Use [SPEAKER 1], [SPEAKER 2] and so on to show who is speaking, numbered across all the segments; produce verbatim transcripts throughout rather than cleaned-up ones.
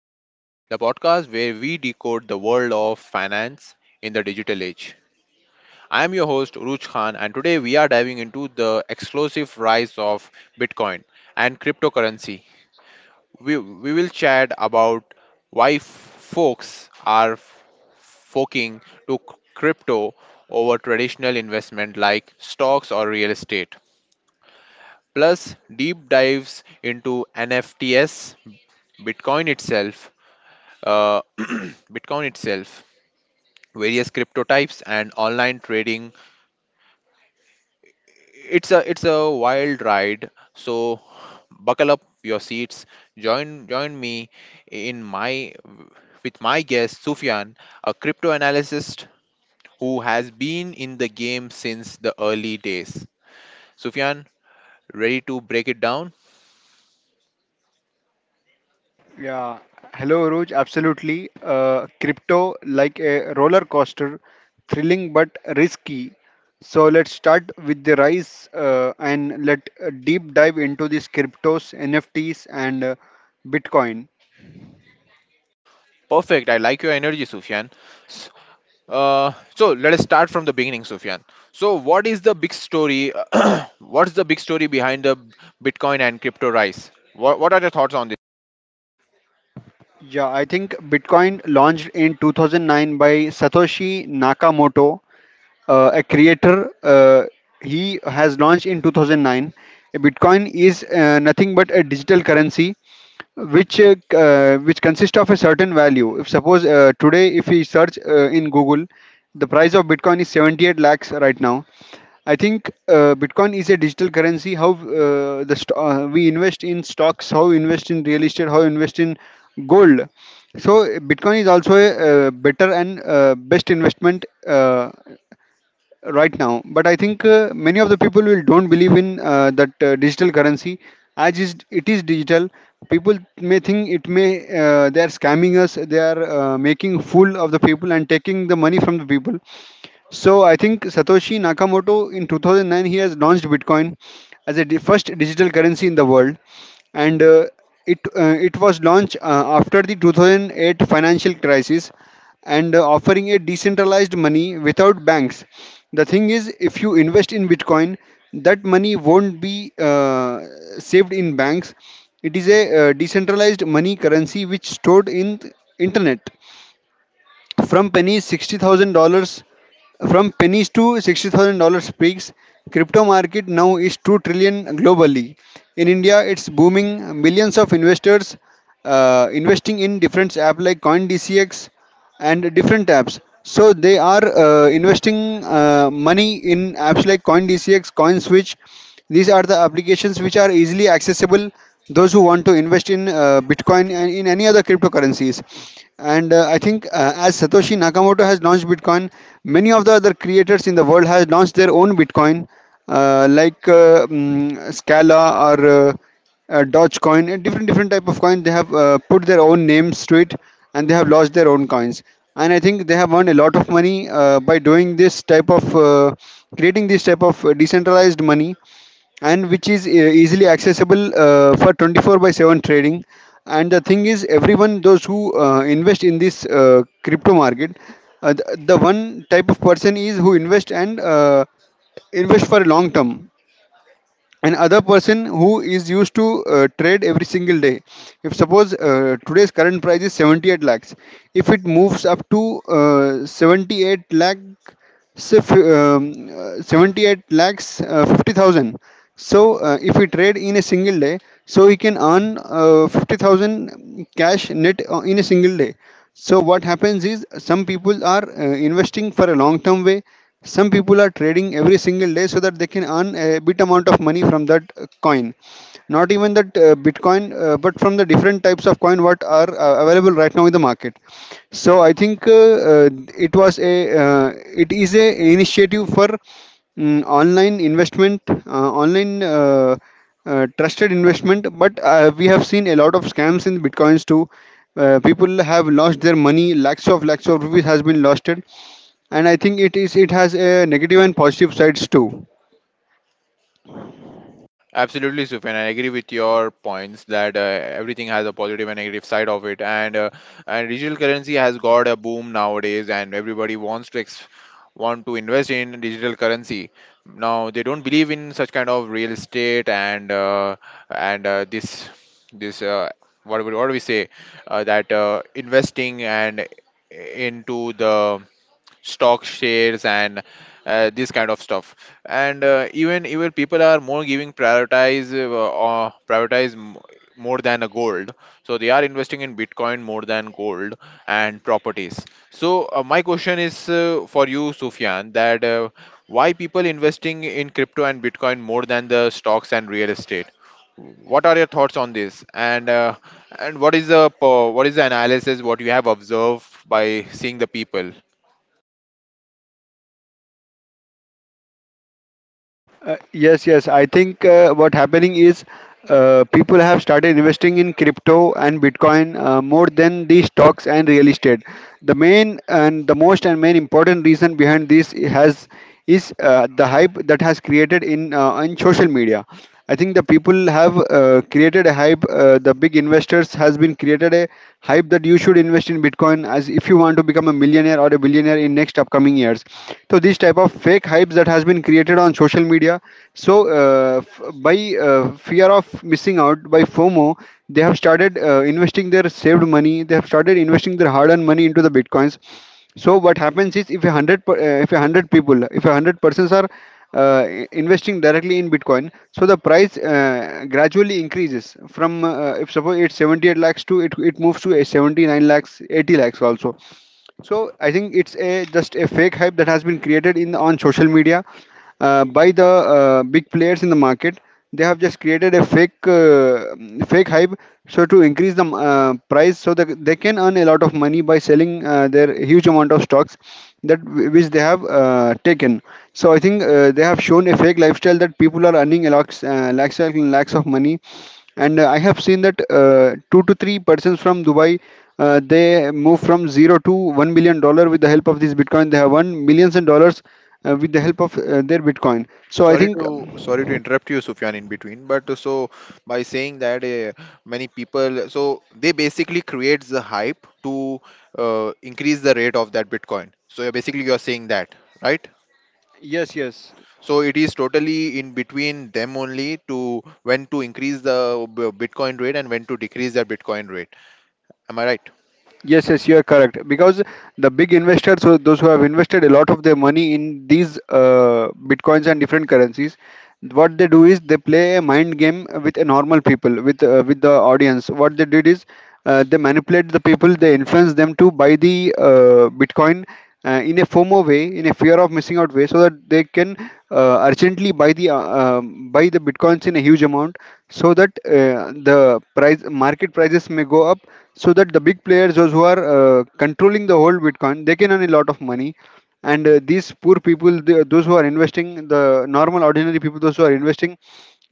[SPEAKER 1] Assets, the podcast where we decode the world of finance in the digital age. I am your host, Ruj Khan, and today we are diving into the explosive rise of Bitcoin and cryptocurrency. We, we will chat about why f- folks are f- forking to c- crypto over traditional investment like stocks or real estate. Plus, deep dives into N F Ts, Bitcoin itself, uh, Bitcoin itself, various crypto types, and online trading. It's a it's a wild ride. So buckle up your seats. Join join me in my with my guest Sufyan, a crypto analyst who has been in the game since the early days. Sufyan, ready to break it down?
[SPEAKER 2] Yeah, hello Roj, absolutely. Uh, crypto like a roller coaster, thrilling but risky. So let's start with the rise, uh, and let uh, deep dive into these cryptos, N F Ts, and uh, Bitcoin.
[SPEAKER 1] Perfect. I like your energy, Sufyan. Uh, so let us start from the beginning, Sufyan. So, what is the big story? What's the big story behind the Bitcoin and crypto rise? What, what are your thoughts on this?
[SPEAKER 2] Yeah, I think Bitcoin launched in two thousand nine by Satoshi Nakamoto. Uh, a creator. Uh, he has launched in two thousand nine. Bitcoin is uh, nothing but a digital currency which uh, c- uh, which consists of a certain value. If suppose uh, today, if we search uh, in Google, the price of Bitcoin is seventy-eight lakhs right now. I think uh, Bitcoin is a digital currency. How uh, the st- uh, we invest in stocks, how we invest in real estate, how we invest in gold. So Bitcoin is also a, uh better and uh, best investment. Uh, right now, but I think uh, many of the people will don't believe in uh, that uh, digital currency, as is, it is digital. People may think it may, uh, they are scamming us. They are uh, making fool of the people and taking the money from the people. So I think Satoshi Nakamoto in two thousand nine he has launched Bitcoin as a di- first digital currency in the world, and uh, it uh, it was launched uh, after the two thousand eight financial crisis, and uh, offering a decentralized money without banks. The thing is, if you invest in Bitcoin, that money won't be uh, saved in banks. It is a uh, decentralized money currency which stored in th- internet, from pennies, sixty thousand dollars, from pennies to sixty thousand dollars peaks. Crypto market now is two trillion globally. In India, it's booming. Millions of investors uh, investing in different apps like CoinDCX and different apps. So they are uh, investing uh, money in apps like CoinDCX, CoinSwitch. These are the applications which are easily accessible those who want to invest in uh, Bitcoin and in any other cryptocurrencies. And uh, I think uh, as Satoshi Nakamoto has launched Bitcoin, many of the other creators in the world has launched their own Bitcoin, uh, like uh, mm, Scala, or uh, uh, Doge Coin, and different different type of coin. They have uh, put their own names to it, and they have launched their own coins. And I think they have earned a lot of money uh, by doing this type of uh, creating this type of uh, decentralized money, and which is uh, easily accessible uh, for twenty-four by seven trading. And the thing is, everyone those who uh, invest in this uh, crypto market, uh, the, the one type of person is who invest, and uh, invest for long term, and other person who is used to uh, trade every single day. If suppose uh, today's current price is seventy-eight lakhs, if it moves up to uh, seventy-eight lakh, so, if, um, uh, seventy-eight lakhs, uh, fifty thousand. So, uh, if we trade in a single day, so we can earn uh, fifty thousand cash net uh, in a single day. So, what happens is some people are uh, investing for a long term way, some people are trading every single day so that they can earn a bit amount of money from that uh, coin, not even that uh, bitcoin, uh, but from the different types of coin what are uh, available right now in the market. So I think, uh, uh, it was a uh, it is a initiative for mm, online investment, uh, online, uh, uh, trusted investment, but uh, we have seen a lot of scams in bitcoins too. Uh, people have lost their money, lakhs of lakhs of rupees has been lost, and I think it is it has a negative and positive sides too.
[SPEAKER 1] Absolutely, Sufyan. I agree with your points that uh, everything has a positive and negative side of it, and uh, and digital currency has got a boom nowadays, and everybody wants to ex- want to invest in digital currency. Now they don't believe in such kind of real estate and uh, and uh, this this uh, what do we, what do we say uh, that uh, investing and into the stock shares and uh, this kind of stuff and uh, even even people are more giving prioritize uh, uh, prioritize m- more than a gold, so they are investing in bitcoin more than gold and properties. So uh, my question is uh, for you, Sufyan, that uh, why people investing in crypto and bitcoin more than the stocks and real estate? What are your thoughts on this, and uh, and what is the po- what is the analysis what you have observed by seeing the people?
[SPEAKER 2] Uh, yes, yes. I think uh, what happening is uh, people have started investing in crypto and Bitcoin uh, more than the stocks and real estate. The main and the most and main important reason behind this has is uh, the hype that has created in uh, on social media. I think the people have uh, created a hype. Uh, the big investors has been created a hype that you should invest in Bitcoin as if you want to become a millionaire or a billionaire in next upcoming years. So this type of fake hypes that has been created on social media. So, uh, f- by uh, fear of missing out, by FOMO, they have started uh, investing their saved money. They have started investing their hard-earned money into the Bitcoins. So what happens is, if a hundred per- uh, if a hundred people, if a hundred persons are uh, i- investing directly in bitcoin, so the price uh, gradually increases from, uh, if suppose it's seventy-eight lakhs to it, it moves to a seventy-nine lakhs, eighty lakhs also. So I think it's a just a fake hype that has been created in on social media, uh, by the uh, big players in the market. They have just created a fake uh, mm, fake hype, so to increase the uh, price so that they can earn a lot of money by selling uh, their huge amount of stocks that wh- which they have uh, taken. So I think uh, they have shown a fake lifestyle that people are earning a lakhs uh, lakhs and lakhs of money. And uh, I have seen that uh, two to three persons from Dubai, uh, they move from zero to one million dollar with the help of this bitcoin, they have won millions and dollars uh, with the help of uh, their bitcoin. So I
[SPEAKER 1] Sorry
[SPEAKER 2] think,
[SPEAKER 1] to sorry to
[SPEAKER 2] um,
[SPEAKER 1] interrupt you, Sufyan, in between. But uh, so by saying that uh, many people, so they basically creates the hype to uh, increase the rate of that Bitcoin. So you're basically you're saying that, right?
[SPEAKER 2] yes, yes.
[SPEAKER 1] So it is totally in between them only to when to increase the b- Bitcoin rate and when to decrease the Bitcoin rate. Am I right?
[SPEAKER 2] Yes, yes, you are correct. Because the big investors, so those who have invested a lot of their money in these uh, bitcoins and different currencies, what they do is they play a mind game with a normal people, with uh, with the audience. What they did is uh, they manipulate the people, they influence them to buy the uh, bitcoin uh, in a FOMO way, in a fear of missing out way, so that they can uh, urgently buy the, uh, um, buy the bitcoins in a huge amount, so that uh, the price, market prices may go up, so that the big players, those who are uh, controlling the whole bitcoin, they can earn a lot of money. And uh, these poor people, the, those who are investing, the normal ordinary people, those who are investing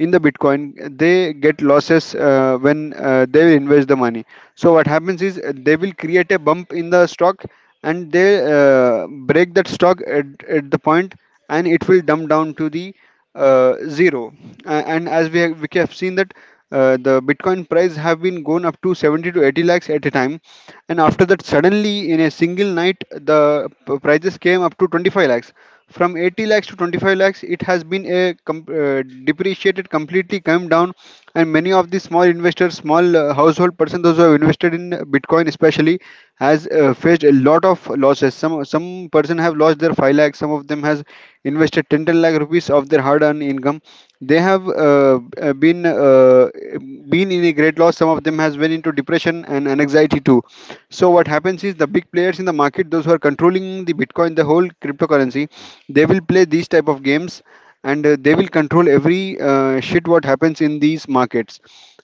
[SPEAKER 2] in the bitcoin, they get losses uh, when uh, they invest the money. So what happens is, uh, they will create a bump in the stock, and they uh, break that stock at, at the point, and it will dump down to the uh, zero. A- and as we have, we have seen that, uh, the Bitcoin price have been gone up to seventy to eighty lakhs at a time, and after that, suddenly in a single night the p- prices came up to twenty-five lakhs. From eighty lakhs to twenty-five lakhs, it has been a com- uh, depreciated completely, come down, and many of the small investors, small uh, household person, those who have invested in Bitcoin especially, has uh, faced a lot of losses. Some some person have lost their five lakh. Some of them has invested ten ten lakh rupees of their hard earned income. They have, uh, uh, been uh, been in a great loss. Some of them has went into depression and anxiety too. So what happens is, the big players in the market, those who are controlling the Bitcoin, the whole cryptocurrency, they will play these type of games, and uh, they will control every uh, shit what happens in these markets.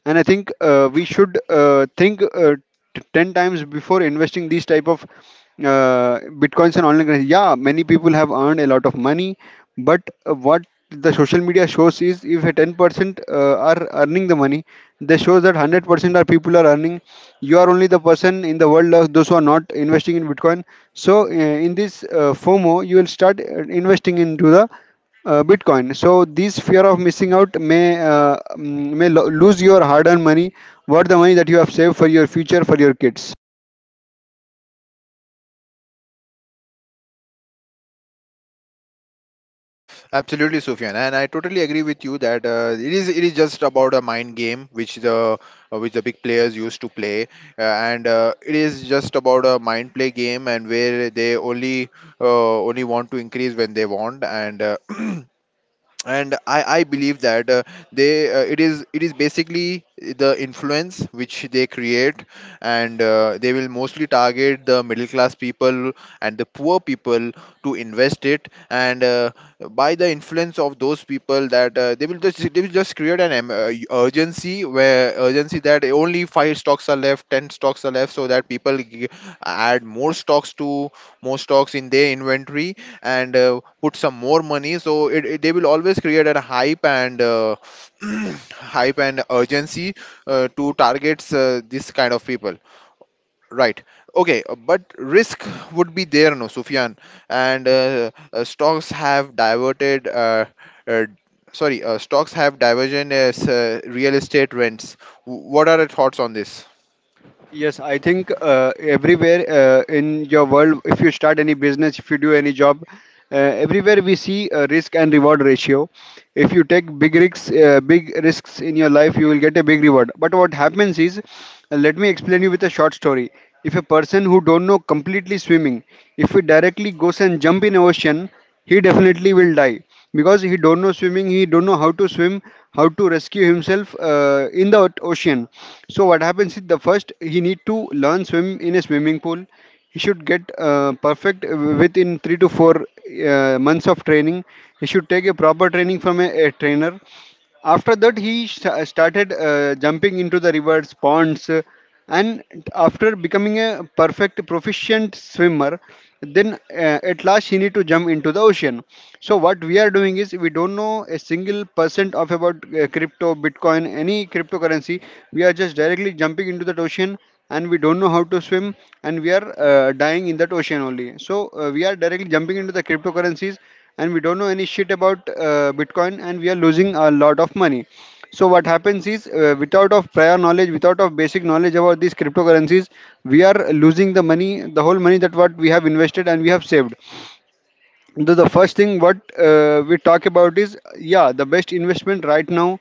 [SPEAKER 2] And I think uh, we should uh, think, uh, t- ten times before investing these type of uh, bitcoins and online currency. Yeah, many people have earned a lot of money, but uh, what the social media shows is, if a ten percent uh, are earning the money, they shows that one hundred percent are people are earning. You are only the person in the world of those who are not investing in bitcoin. So uh, in this uh, fomo you will start uh, investing into the uh, Bitcoin. So this fear of missing out may, uh, mm, may lo- lose your hard-earned money, what the money that you have saved for your future, for your kids?
[SPEAKER 1] Absolutely, Sufyan, and I totally agree with you that uh, it is it is just about a mind game which the uh, which the big players used to play, uh, and uh, it is just about a mind play game, and where they only uh, only want to increase when they want, and uh, and i i believe that uh, they uh, it is it is basically the influence which they create, and uh, they will mostly target the middle class people and the poor people to invest it, and uh, by the influence of those people that uh, they will just they will just create an em- uh, urgency where urgency that only five stocks are left, ten stocks are left, so that people g- add more stocks to more stocks in their inventory and uh, put some more money. So it, it- they will always create a hype and uh, hype and urgency uh, to targets uh, this kind of people, right? Okay, uh, but risk would be there, no, Sufyan? And uh, uh, stocks have diverted uh, uh, sorry, uh, stocks have divergent as uh, real estate rents. W- what are your thoughts on this?
[SPEAKER 2] Yes, I think uh, everywhere uh, in your world, if you start any business, if you do any job, uh, everywhere we see a risk and reward ratio. If you take big risks, uh, big risks in your life, you will get a big reward. But what happens is, uh, let me explain you with a short story. If a person who don't know completely swimming, if he directly goes and jump in ocean, he definitely will die because he don't know swimming, he don't know how to swim, how to rescue himself uh, in the ot- ocean. So what happens is the first he need to learn swim in a swimming pool. He should get uh, perfect uh, within three to four uh, months of training. He should take a proper training from a, a trainer. After that he sh- started uh, jumping into the rivers ponds and after becoming a perfect proficient swimmer, then uh, at last she need to jump into the ocean. So what we are doing is we don't know a single percent of about uh, crypto bitcoin any cryptocurrency. We are just directly jumping into that ocean and we don't know how to swim, and we are uh, dying in that ocean only. So uh, we are directly jumping into the cryptocurrencies and we don't know any shit about uh, bitcoin and we are losing a lot of money. So what happens is, uh, without of prior knowledge, without of basic knowledge about these cryptocurrencies, we are losing the money, the whole money that what we have invested and we have saved. The, the first thing what uh, we talk about is, yeah, the best investment right now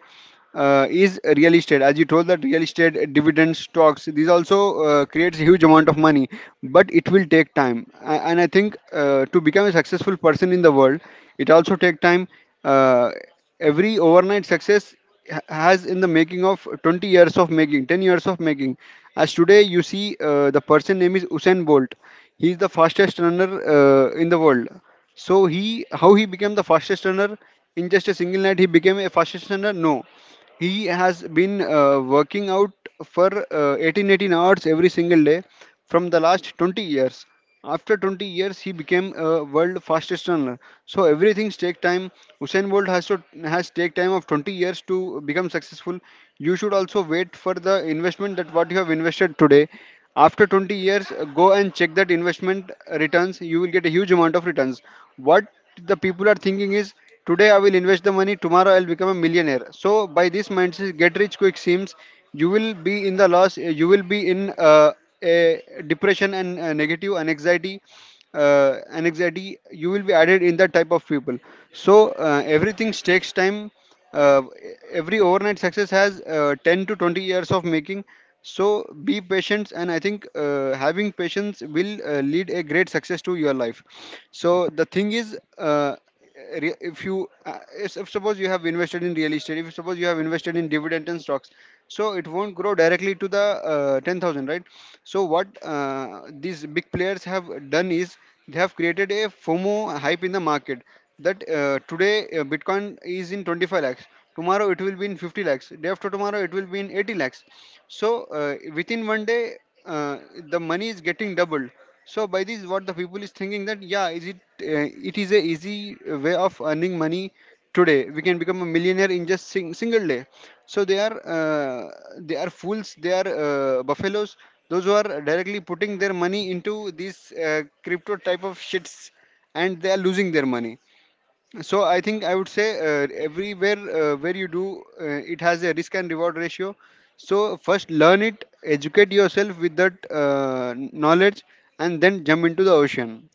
[SPEAKER 2] uh, is real estate. As you told that real estate, uh, dividend stocks, these also uh, creates a huge amount of money, but it will take time. A- and I think uh, to become a successful person in the world, it also take time. uh, every overnight success ha- has in the making of twenty years of making, ten years of making. As today you see, uh, the person name is usain bolt. He is the fastest runner uh, in the world. So he, how he became the fastest runner in just a single night? He became a fastest runner. No, he has been uh, working out for uh, eighteen, eighteen hours every single day from the last twenty years. After twenty years, he became a world fastest runner. So everything takes time. Usain Bolt has to has take time of twenty years to become successful. You should also wait for the investment that what you have invested today. After twenty years, uh, go and check that investment returns. You will get a huge amount of returns. What the people are thinking is today I will invest the money, tomorrow I'll become a millionaire. So by this mindset, get rich quick seems you will be in the loss. You will be in. Uh, uh, Depression and uh, negative anxiety uh, anxiety, you will be added in that type of people. So uh, everything takes time. uh, every overnight success has uh, ten to twenty years of making. So be patient, and I think uh, having patience will uh, lead a great success to your life. So the thing is, uh, re- if you uh, if, if suppose you have invested in real estate, if suppose you have invested in dividend and stocks, so it won't grow directly to the uh, ten thousand, right? So what uh, these big players have done is they have created a fomo hype in the market, that uh, today uh, bitcoin is in twenty-five lakhs, tomorrow it will be in fifty lakhs, day after tomorrow it will be in eighty lakhs. So uh, within one day uh, the money is getting doubled. So by this, what the people is thinking that, yeah, is it uh, it is a easy uh, way of earning money today. We can become a millionaire in just sing- single day. So they are uh, they are fools. They are uh, buffaloes. Those who are directly putting their money into these uh, crypto type of shits, and they are losing their money. So I think I would say uh, everywhere uh, where you do, uh, it has a risk and reward ratio. So first learn it, educate yourself with that uh, knowledge, and then jump into the ocean.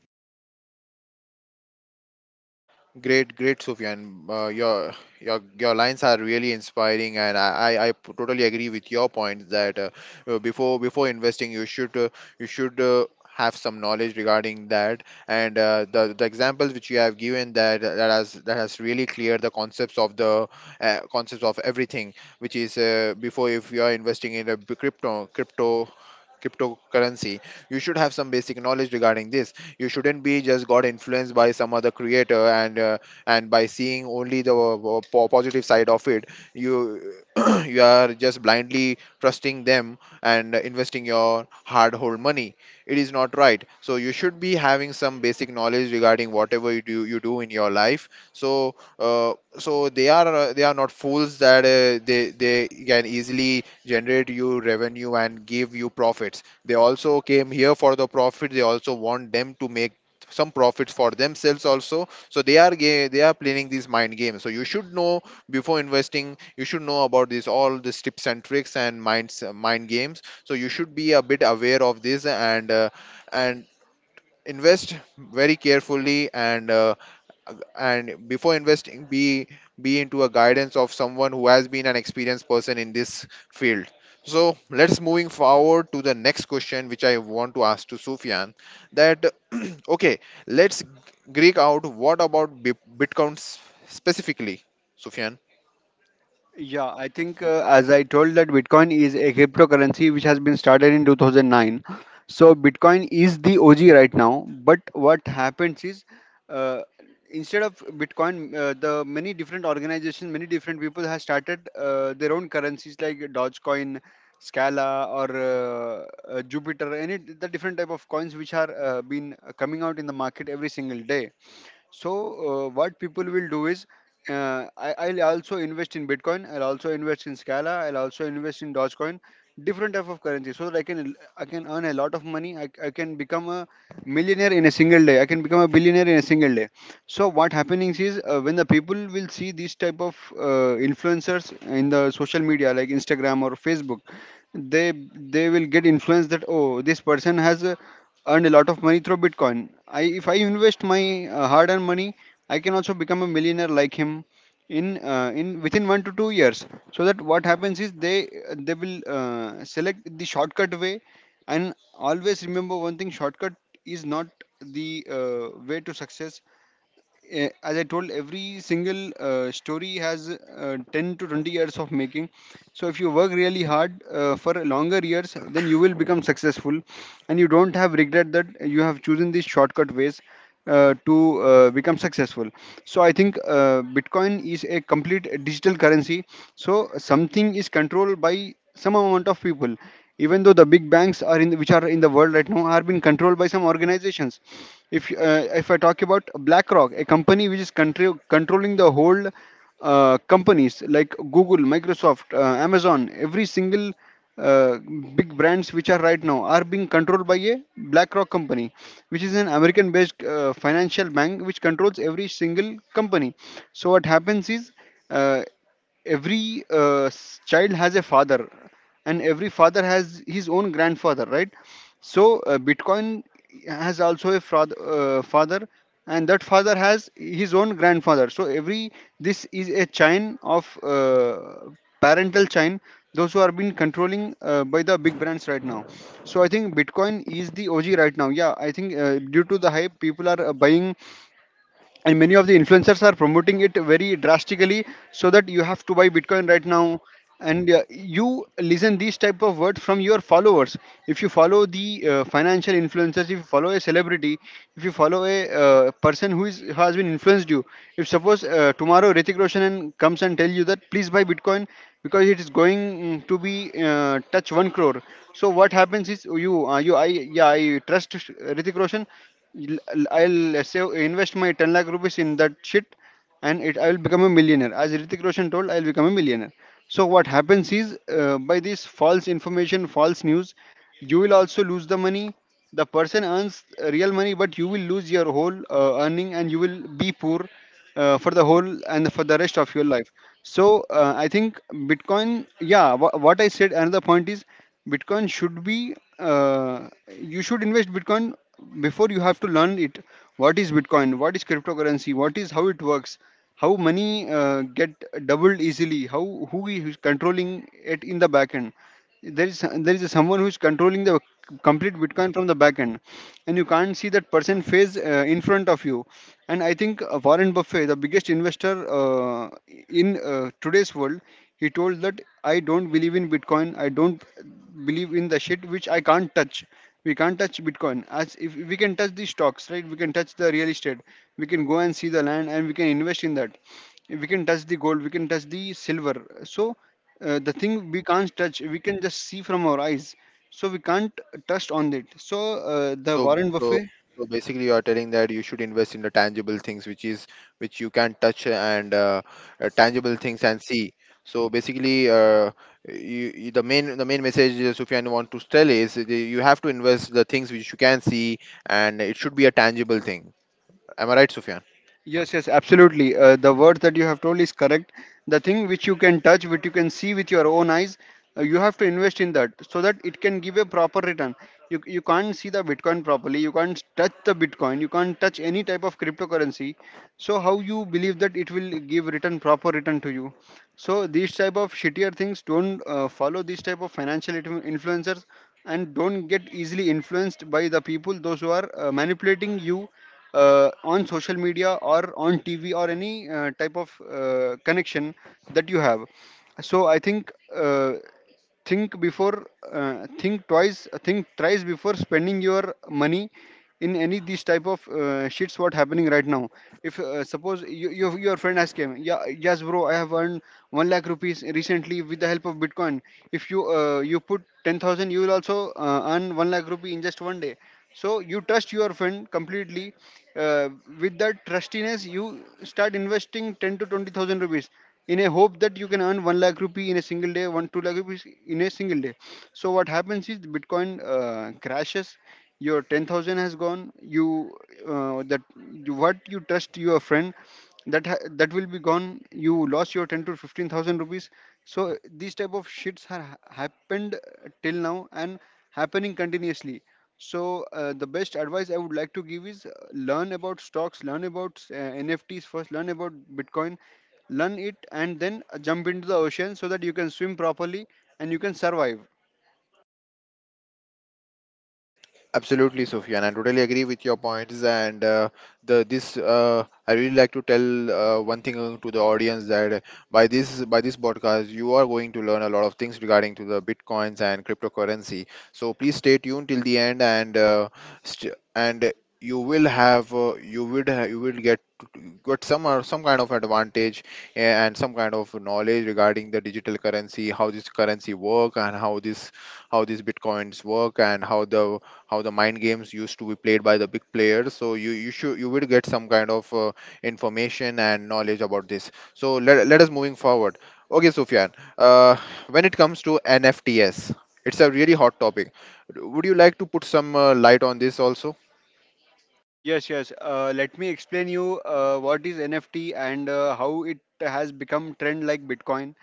[SPEAKER 1] Great, great, Sufyan. Uh, your your your lines are really inspiring, and I, I, I p- totally agree with your point that uh, uh, before before investing, you should uh, you should uh, have some knowledge regarding that. And uh, the the examples which you have given that uh, that has that has really cleared the concepts of the uh, concepts of everything, which is uh, before if you are investing in a b- crypto crypto cryptocurrency you should have some basic knowledge regarding this. You shouldn't be just got influenced by some other creator, and uh, and by seeing only the uh, po- positive side of it, you you are just blindly trusting them and investing your hard hold money. It is not right, so you should be having some basic knowledge regarding whatever you do you do in your life. So uh, so they are uh, they are not fools that uh, they they can easily generate you revenue and give you profits. They also came here for the profit. They also want them to make some profits for themselves also. So they are ga- they are playing these mind games. So you should know before investing. You should know about these all these tips and tricks and minds mind games. So you should be a bit aware of this, and uh, and invest very carefully. And Uh, and before investing, be be into a guidance of someone who has been an experienced person in this field. So let's moving forward to the next question which I want to ask to Sufyan, that okay, let's greek out, what about Bi- bitcoin s- specifically, Sufyan?
[SPEAKER 2] Yeah, I think uh, as I told that Bitcoin is a cryptocurrency which has been started in two thousand nine. So Bitcoin is the O G right now. But what happens is, uh, instead of Bitcoin, uh, the many different organizations, many different people have started uh, their own currencies like Dogecoin, Scala, or uh, uh, Jupiter. Any the different type of coins which are uh, been coming out in the market every single day. So, uh, what people will do is, uh, I, I'll also invest in Bitcoin, I'll also invest in Scala, I'll also invest in Dogecoin, different type of currency, so that I can I can earn a lot of money. I, I can become a millionaire in a single day. I can become a billionaire in a single day. So, what happening is uh, when the people will see these type of uh, influencers in the social media like Instagram or Facebook, they they will get influenced that oh this person has a earned a lot of money through Bitcoin. I, if I invest my uh, hard-earned money, I can also become a millionaire like him in uh, in within one to two years. So that what happens is they they will uh, select the shortcut way, and always remember one thing: shortcut is not the uh, way to success. Eh, as I told, every single uh, story has uh, ten to twenty years of making. So if you work really hard uh, for longer years, then you will become successful, and you don't have regret that you have chosen these shortcut ways uh, to uh, become successful. So I think uh, Bitcoin is a complete digital currency. So something is controlled by some amount of people, even though the big banks are in which are in the world right now are being controlled by some organizations. If uh, if I talk about blackrock, a company which is contro- controlling the whole uh, companies like google microsoft uh, amazon, every single uh, big brands which are right now are being controlled by a blackrock company, which is an american based uh, financial bank which controls every single company. So what happens is, uh, every uh, s- child has a father, and every father has his own grandfather, right? So uh, bitcoin has also a frath- uh, father, and that father has his own grandfather. So every this is a chain of uh, parental chain, those who are being controlling uh, by the big brands right now. So I think bitcoin is the og right now. Yeah, I think uh, due to the hype people are uh, buying, and many of the influencers are promoting it very drastically, so that you have to buy bitcoin right now. And uh, you listen these type of words from your followers. If you follow the uh, financial influencers, if you follow a celebrity, if you follow a uh, person who is who has been influenced you, if suppose uh, tomorrow Ritik Roshan and- comes and tell you that please buy bitcoin because it is going mm, to be uh, touch one crore. So what happens is you uh, you I yeah I trust Ritik Roshan. I'll I'll uh, save invest my ten lakh rupees in that shit, and it I will become a millionaire. As Ritik Roshan told, I'll become a millionaire. So what happens is uh, by this false information, false news, you will also lose the money. The person earns uh, real money, but you will lose your whole uh, earning and you will be poor uh, for the whole and for the rest of your life. So uh, I think Bitcoin, yeah, wha what I said. Another point is Bitcoin should be uh, you should invest Bitcoin before you have to learn it. What is Bitcoin? What is cryptocurrency? What is how it works? How money uh, get doubled easily? How who is controlling it in the back end? there is there is someone who is controlling the complete Bitcoin from the back end, and you can't see that person face uh, in front of you. And I think uh, Warren Buffett, the biggest investor uh, in uh, today's world, he told that I don't believe in Bitcoin. I don't believe in the shit which I can't touch. We can't touch Bitcoin as if we can touch the stocks, right? We can touch the real estate, we can go and see the land and we can invest in that. We can touch the gold, we can touch the silver. So uh, the thing we can't touch, we can just see from our eyes, so we can't touch on it. So uh, the
[SPEAKER 1] So,
[SPEAKER 2] Warren
[SPEAKER 1] so,
[SPEAKER 2] Buffet.
[SPEAKER 1] so basically, you are telling that you should invest in the tangible things, which is which you can touch and uh, uh, tangible things and see. So basically, uh, you, you, the main the main message uh, Sufyan want to tell is that you have to invest the things which you can see, and it should be a tangible thing. Am I right, Sufyan?
[SPEAKER 2] Yes, yes, absolutely uh, the word that you have told is correct. The thing which you can touch, which you can see with your own eyes, uh, you have to invest in that so that it can give a proper return. You, you, can't see the Bitcoin properly, you can't touch the Bitcoin, you can't touch any type of cryptocurrency. So how you believe that it will give return, proper return to you? So these type of shittier things, don't uh, follow these type of financial influ- influencers, and don't get easily influenced by the people those who are uh, manipulating you uh, on social media or on TV or any uh, type of uh, connection that you have. So I think uh, think before, uh, think twice, uh, think thrice before spending your money in any these type of uh, shits what happening right now. If uh, suppose you, you, your friend has came, yeah, yes bro, I have earned one lakh rupees recently with the help of Bitcoin. If you uh, you put ten thousand, you will also uh, earn one lakh rupee in just one day. So you trust your friend completely. uh, with that trustiness you start investing ten to twenty thousand rupees in a hope that you can earn one lakh rupee in a single day, one two lakh rupees in a single day. So what happens is the Bitcoin uh, crashes, your ten thousand has gone. you uh, that you, what you trust your friend, that ha- that will be gone. You lost your ten to fifteen thousand rupees. So these type of shits have happened till now and happening continuously. So uh, the best advice I would like to give is, uh, learn about stocks, learn about uh, NFTs first, learn about Bitcoin. Learn it and then jump into the ocean so that you can swim properly and you can survive.
[SPEAKER 1] Absolutely, Sophia, and I totally agree with your points. And uh, the this uh, I really like to tell uh, one thing uh, to the audience that by this by this podcast you are going to learn a lot of things regarding to the bitcoins and cryptocurrency. So please stay tuned till the end, and uh, st- and you will have uh, you would ha- you will get got some or some kind of advantage, eh, and some kind of knowledge regarding the digital currency, how this currency work and how this how these bitcoins work and how the how the mind games used to be played by the big players. So you you should you will get some kind of uh, information and knowledge about this. So let, let us moving forward, okay Sufyan? Uh, when it comes to NFTs, it's a really hot topic. Would you like to put some uh, light on this also?
[SPEAKER 2] Yes, yes, uh, let me explain you uh, what is NFT and uh, how it has become trend like Bitcoin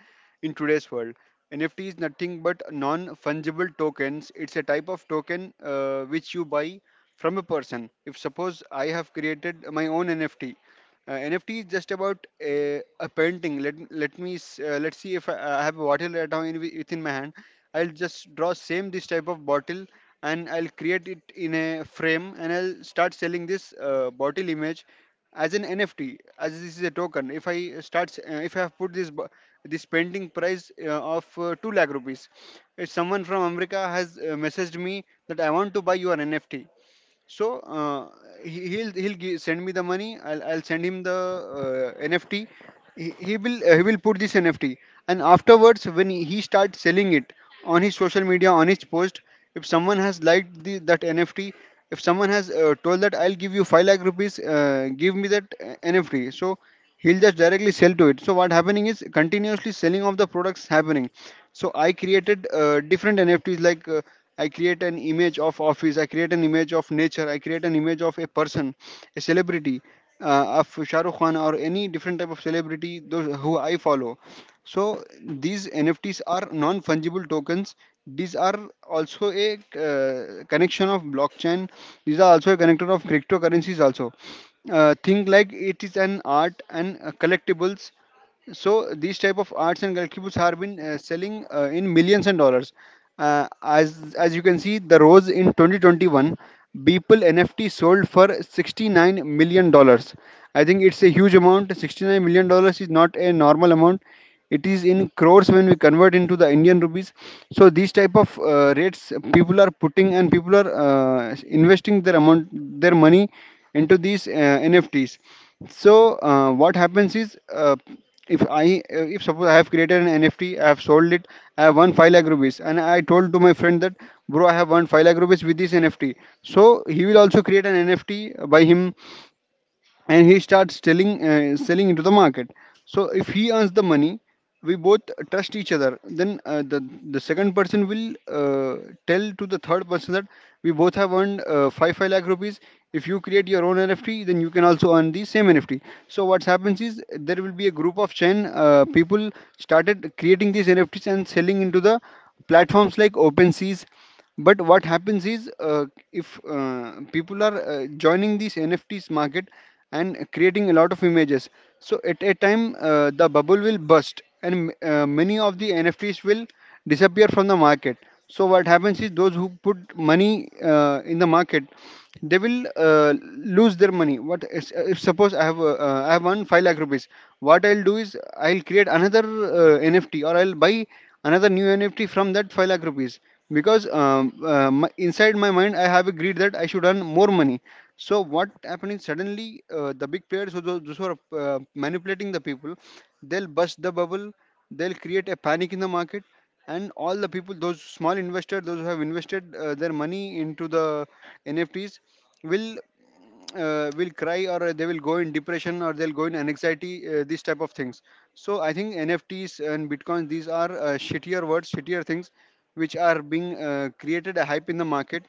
[SPEAKER 2] in today's world. NFT is nothing but non fungible tokens. It's a type of token uh, which you buy from a person. If suppose I have created my own NFT. Uh, N F T is just about a, a painting. Let let me s- uh, let's see if I, I have a bottle right now in, wi- within my hand. I'll just draw same this type of bottle and I'll create it in a frame, and I'll start selling this uh, bottle image as an N F T, as this is a token. If I start s- uh, if I have put this bo- this painting price uh, of uh, two lakh rupees, if someone from America has uh, messaged me that I want to buy your N F T, so uh, he- he'll he'll gi- send me the money. I'll I'll send him the uh, N F T. He, he will uh, he will put this N F T, and afterwards when he starts selling it on his social media, on his post, if someone has liked the, that N F T, if someone has uh, told that I'll give you five lakh rupees, uh, give me that uh, N F T. So he'll just directly sell to it. So what happening is continuously selling of the products happening. So I created uh, different N F Ts like. Uh, I create an image of office, I create an image of nature, I create an image of a person, a celebrity, uh, of Shah Rukh Khan or any different type of celebrity those who I follow. So these NFTs are non fungible tokens. These are also a uh, connection of blockchain. These are also a connector of cryptocurrencies also. Uh, think like it is an art and uh, collectibles. So these type of arts and collectibles have been uh, selling uh, in millions and dollars, uh, as as you can see the rose in twenty twenty-one Beeple N F T sold for sixty-nine million dollars. I think it's a huge amount. sixty-nine million dollars is not a normal amount. It is in crores when we convert into the Indian rupees. So these type of uh, rates people are putting, and people are uh, investing their amount, their money into these uh, NFTs. So uh, what happens is uh, if I uh, if suppose I have created an NFT, I have sold it, I have won five lakh rupees, and I told to my friend that bro I have won five lakh rupees with this NFT. So he will also create an NFT by him, and he starts selling uh, selling into the market. So if he earns the money, we both trust each other, then uh, the the second person will uh, tell to the third person that we both have earned uh, five five lakh rupees. If you create your own NFT, then you can also earn the same NFT. So what happens is there will be a group of ten uh, people started creating these NFTs and selling into the platforms like OpenSeas. But what happens is uh, if uh, people are uh, joining this NFTs market and creating a lot of images, so at a time uh, the bubble will burst, and uh, many of the NFTs will disappear from the market. So what happens is those who put money uh, in the market, they will uh, lose their money. What is- if suppose i have uh, uh, I have one five lakh rupees, what I'll do is I'll create another uh, NFT, or I'll buy another new NFT from that five lakh rupees, because um, uh, my, inside my mind I have agreed that I should earn more money. So what happened is suddenly uh, the big players who those, those who are uh, manipulating the people, they'll bust the bubble, they'll create a panic in the market, and all the people, those small investors those who have invested uh, their money into the NFTs will uh, will cry or they will go in depression, or they'll go in anxiety, uh, these type of things. So I think NFTs and Bitcoins, these are uh, shittier words, shittier things which are being uh, created a hype in the market.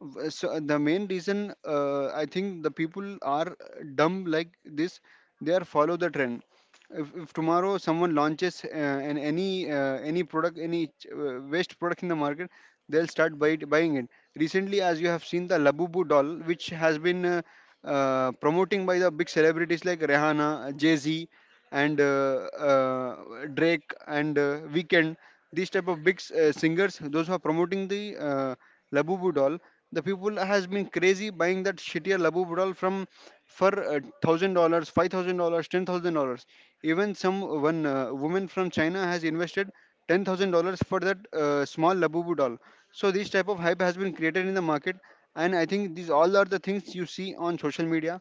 [SPEAKER 2] W- so uh, the main reason uh, I think the people are dumb like this. They are follow the trend. If, if tomorrow someone launches uh, an any uh, any product, any ch- uh, waste product in the market, they'll start buy it, buying it. Recently as you have seen the Labubu doll which has been uh, uh, promoting by the big celebrities like Rihanna, Jay-Z, and uh, uh, Drake and uh, Weekend, these type of big s- uh, singers those who are promoting the uh, Labubu doll. The people has been crazy buying that shittier labu budal from for uh, thousand dollars, five thousand dollars, ten thousand dollars. Even some uh, one uh, woman from China has invested ten thousand dollars for that uh, small Labubu doll. So this type of hype has been created in the market, and I think these all are the things you see on social media.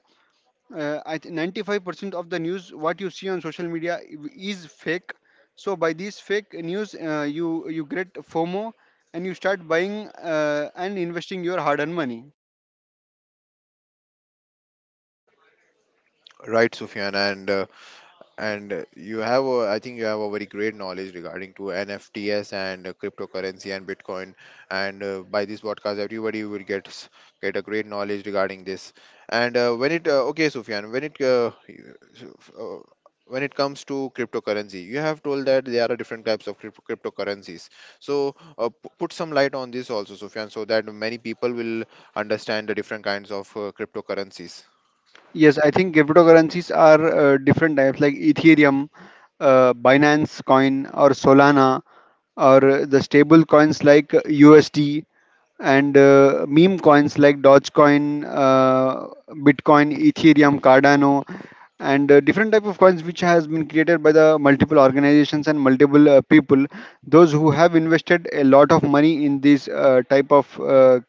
[SPEAKER 2] uh, I think ninety-five percent of the news what you see on social media i- is fake. So by these fake news, uh, you you get FOMO, and you start buying uh, and investing your hard-earned money.
[SPEAKER 1] Right, Sufyan. And uh, And uh, you have, a, I think you have a very great knowledge regarding to N F Ts and uh, cryptocurrency and Bitcoin. And uh, by this podcast, everybody will get s- get a great knowledge regarding this. And uh, when it, uh, okay, Sufyan, when it uh, you- so, f- uh, when it comes to cryptocurrency, you have told that there are different types of crypto cryptocurrencies. So uh, p- put some light on this also, Sufyan, so that many people will understand the different kinds of uh, cryptocurrencies.
[SPEAKER 2] Yes, I think cryptocurrencies are uh, different types like Ethereum, uh, Binance Coin, or Solana, or uh, the stable coins like U S D, and uh, meme coins like Dogecoin, uh, Bitcoin, Ethereum, Cardano, and uh, different type of coins which has been created by the multiple organizations and multiple uh, people, those who have invested a lot of money in these uh, type of uh,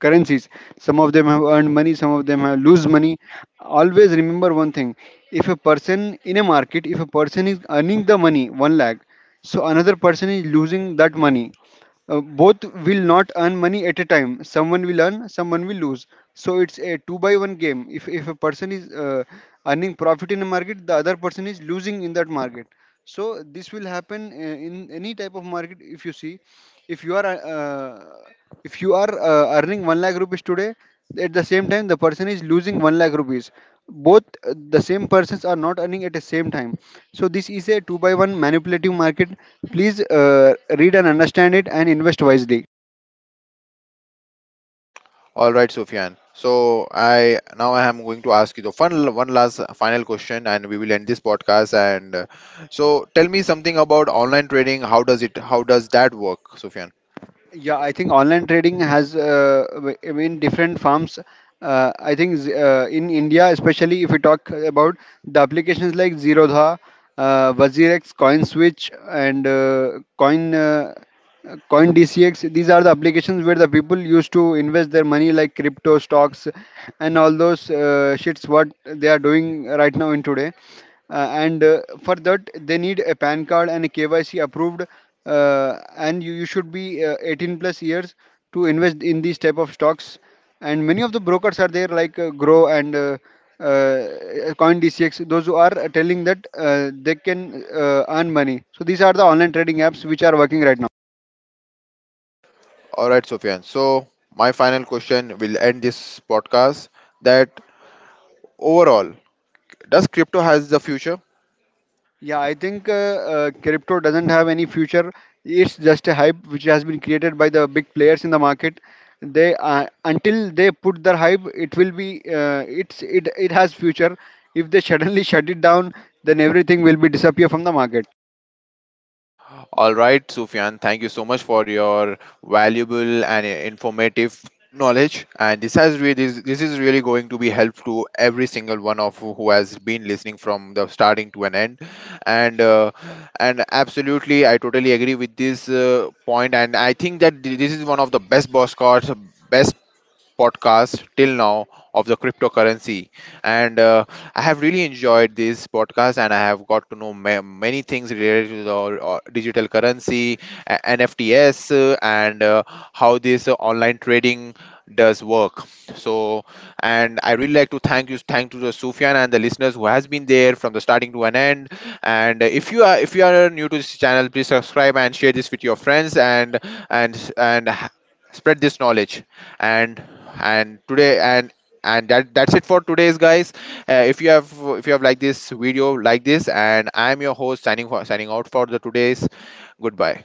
[SPEAKER 2] currencies. Some of them have earned money, some of them have lose money. Always remember one thing: if a person in a market, if a person is earning the money one lakh, so another person is losing that money. Uh, both will not earn money at a time. Someone will earn, someone will lose. So it's a two by one game. If if a person is uh, earning profit in a market, the other person is losing in that market. So this will happen uh, in any type of market. If you see, if you are uh, uh, if you are uh, earning one lakh rupees today, at the same time the person is losing one lakh rupees. Both uh, the same persons are not earning at the same time. So this is a two by one manipulative market. Please uh, read and understand it and invest wisely.
[SPEAKER 1] All right, Sufyan. So I now I am going to ask you the fun one last final question, and we will end this podcast. And uh, so tell me something about online trading. How does it? How does that work, Sufyan?
[SPEAKER 2] Yeah, I think online trading has, uh, w- I mean, different forms. Uh, I think z- uh, in India, especially if we talk about the applications like Zerodha, uh, WazirX, CoinSwitch, and uh, Coin. Uh, uh, Coin D C X, these are the applications where the people used to invest their money like crypto, stocks, and all those uh, shits what they are doing right now in today. Uh, and uh, For that, they need a PAN card and a K Y C approved. Uh, and you, you should be uh, eighteen plus years to invest in these type of stocks. And many of the brokers are there like uh, Grow and uh, uh, Coin D C X, those who are telling that uh, they can uh, earn money. So these are the online trading apps which are working right now.
[SPEAKER 1] All right, Sufyan. So my final question will end this podcast. That overall, does crypto has the future?
[SPEAKER 2] Yeah, I think uh, uh, crypto doesn't have any future. It's just a hype which has been created by the big players in the market. They uh, until they put their hype, it will be uh, it's it it has future. If they suddenly shut it down, then everything will be disappear from the market.
[SPEAKER 1] All right, Sufyan, thank you so much for your valuable and informative knowledge. And this has really this, this is really going to be helpful to every single one of who who has been listening from the starting to an end. And uh, and absolutely, I totally agree with this uh, point. And I think that th- this is one of the best boss cards, best podcast till now of the cryptocurrency. And uh, I have really enjoyed this podcast and I have got to know ma- many things related to the uh, digital currency, uh, N F Ts, uh, and uh, how this uh, online trading does work. So, and I really like to thank you, thank to the Sufyan and the listeners who has been there from the starting to an end. And uh, if you are if you are new to this channel, please subscribe and share this with your friends and and and h- spread this knowledge. And and today and and that that's it for today's, guys. uh, if you have if you have liked this video, like this, and I am your host signing for signing out for the today's. Goodbye.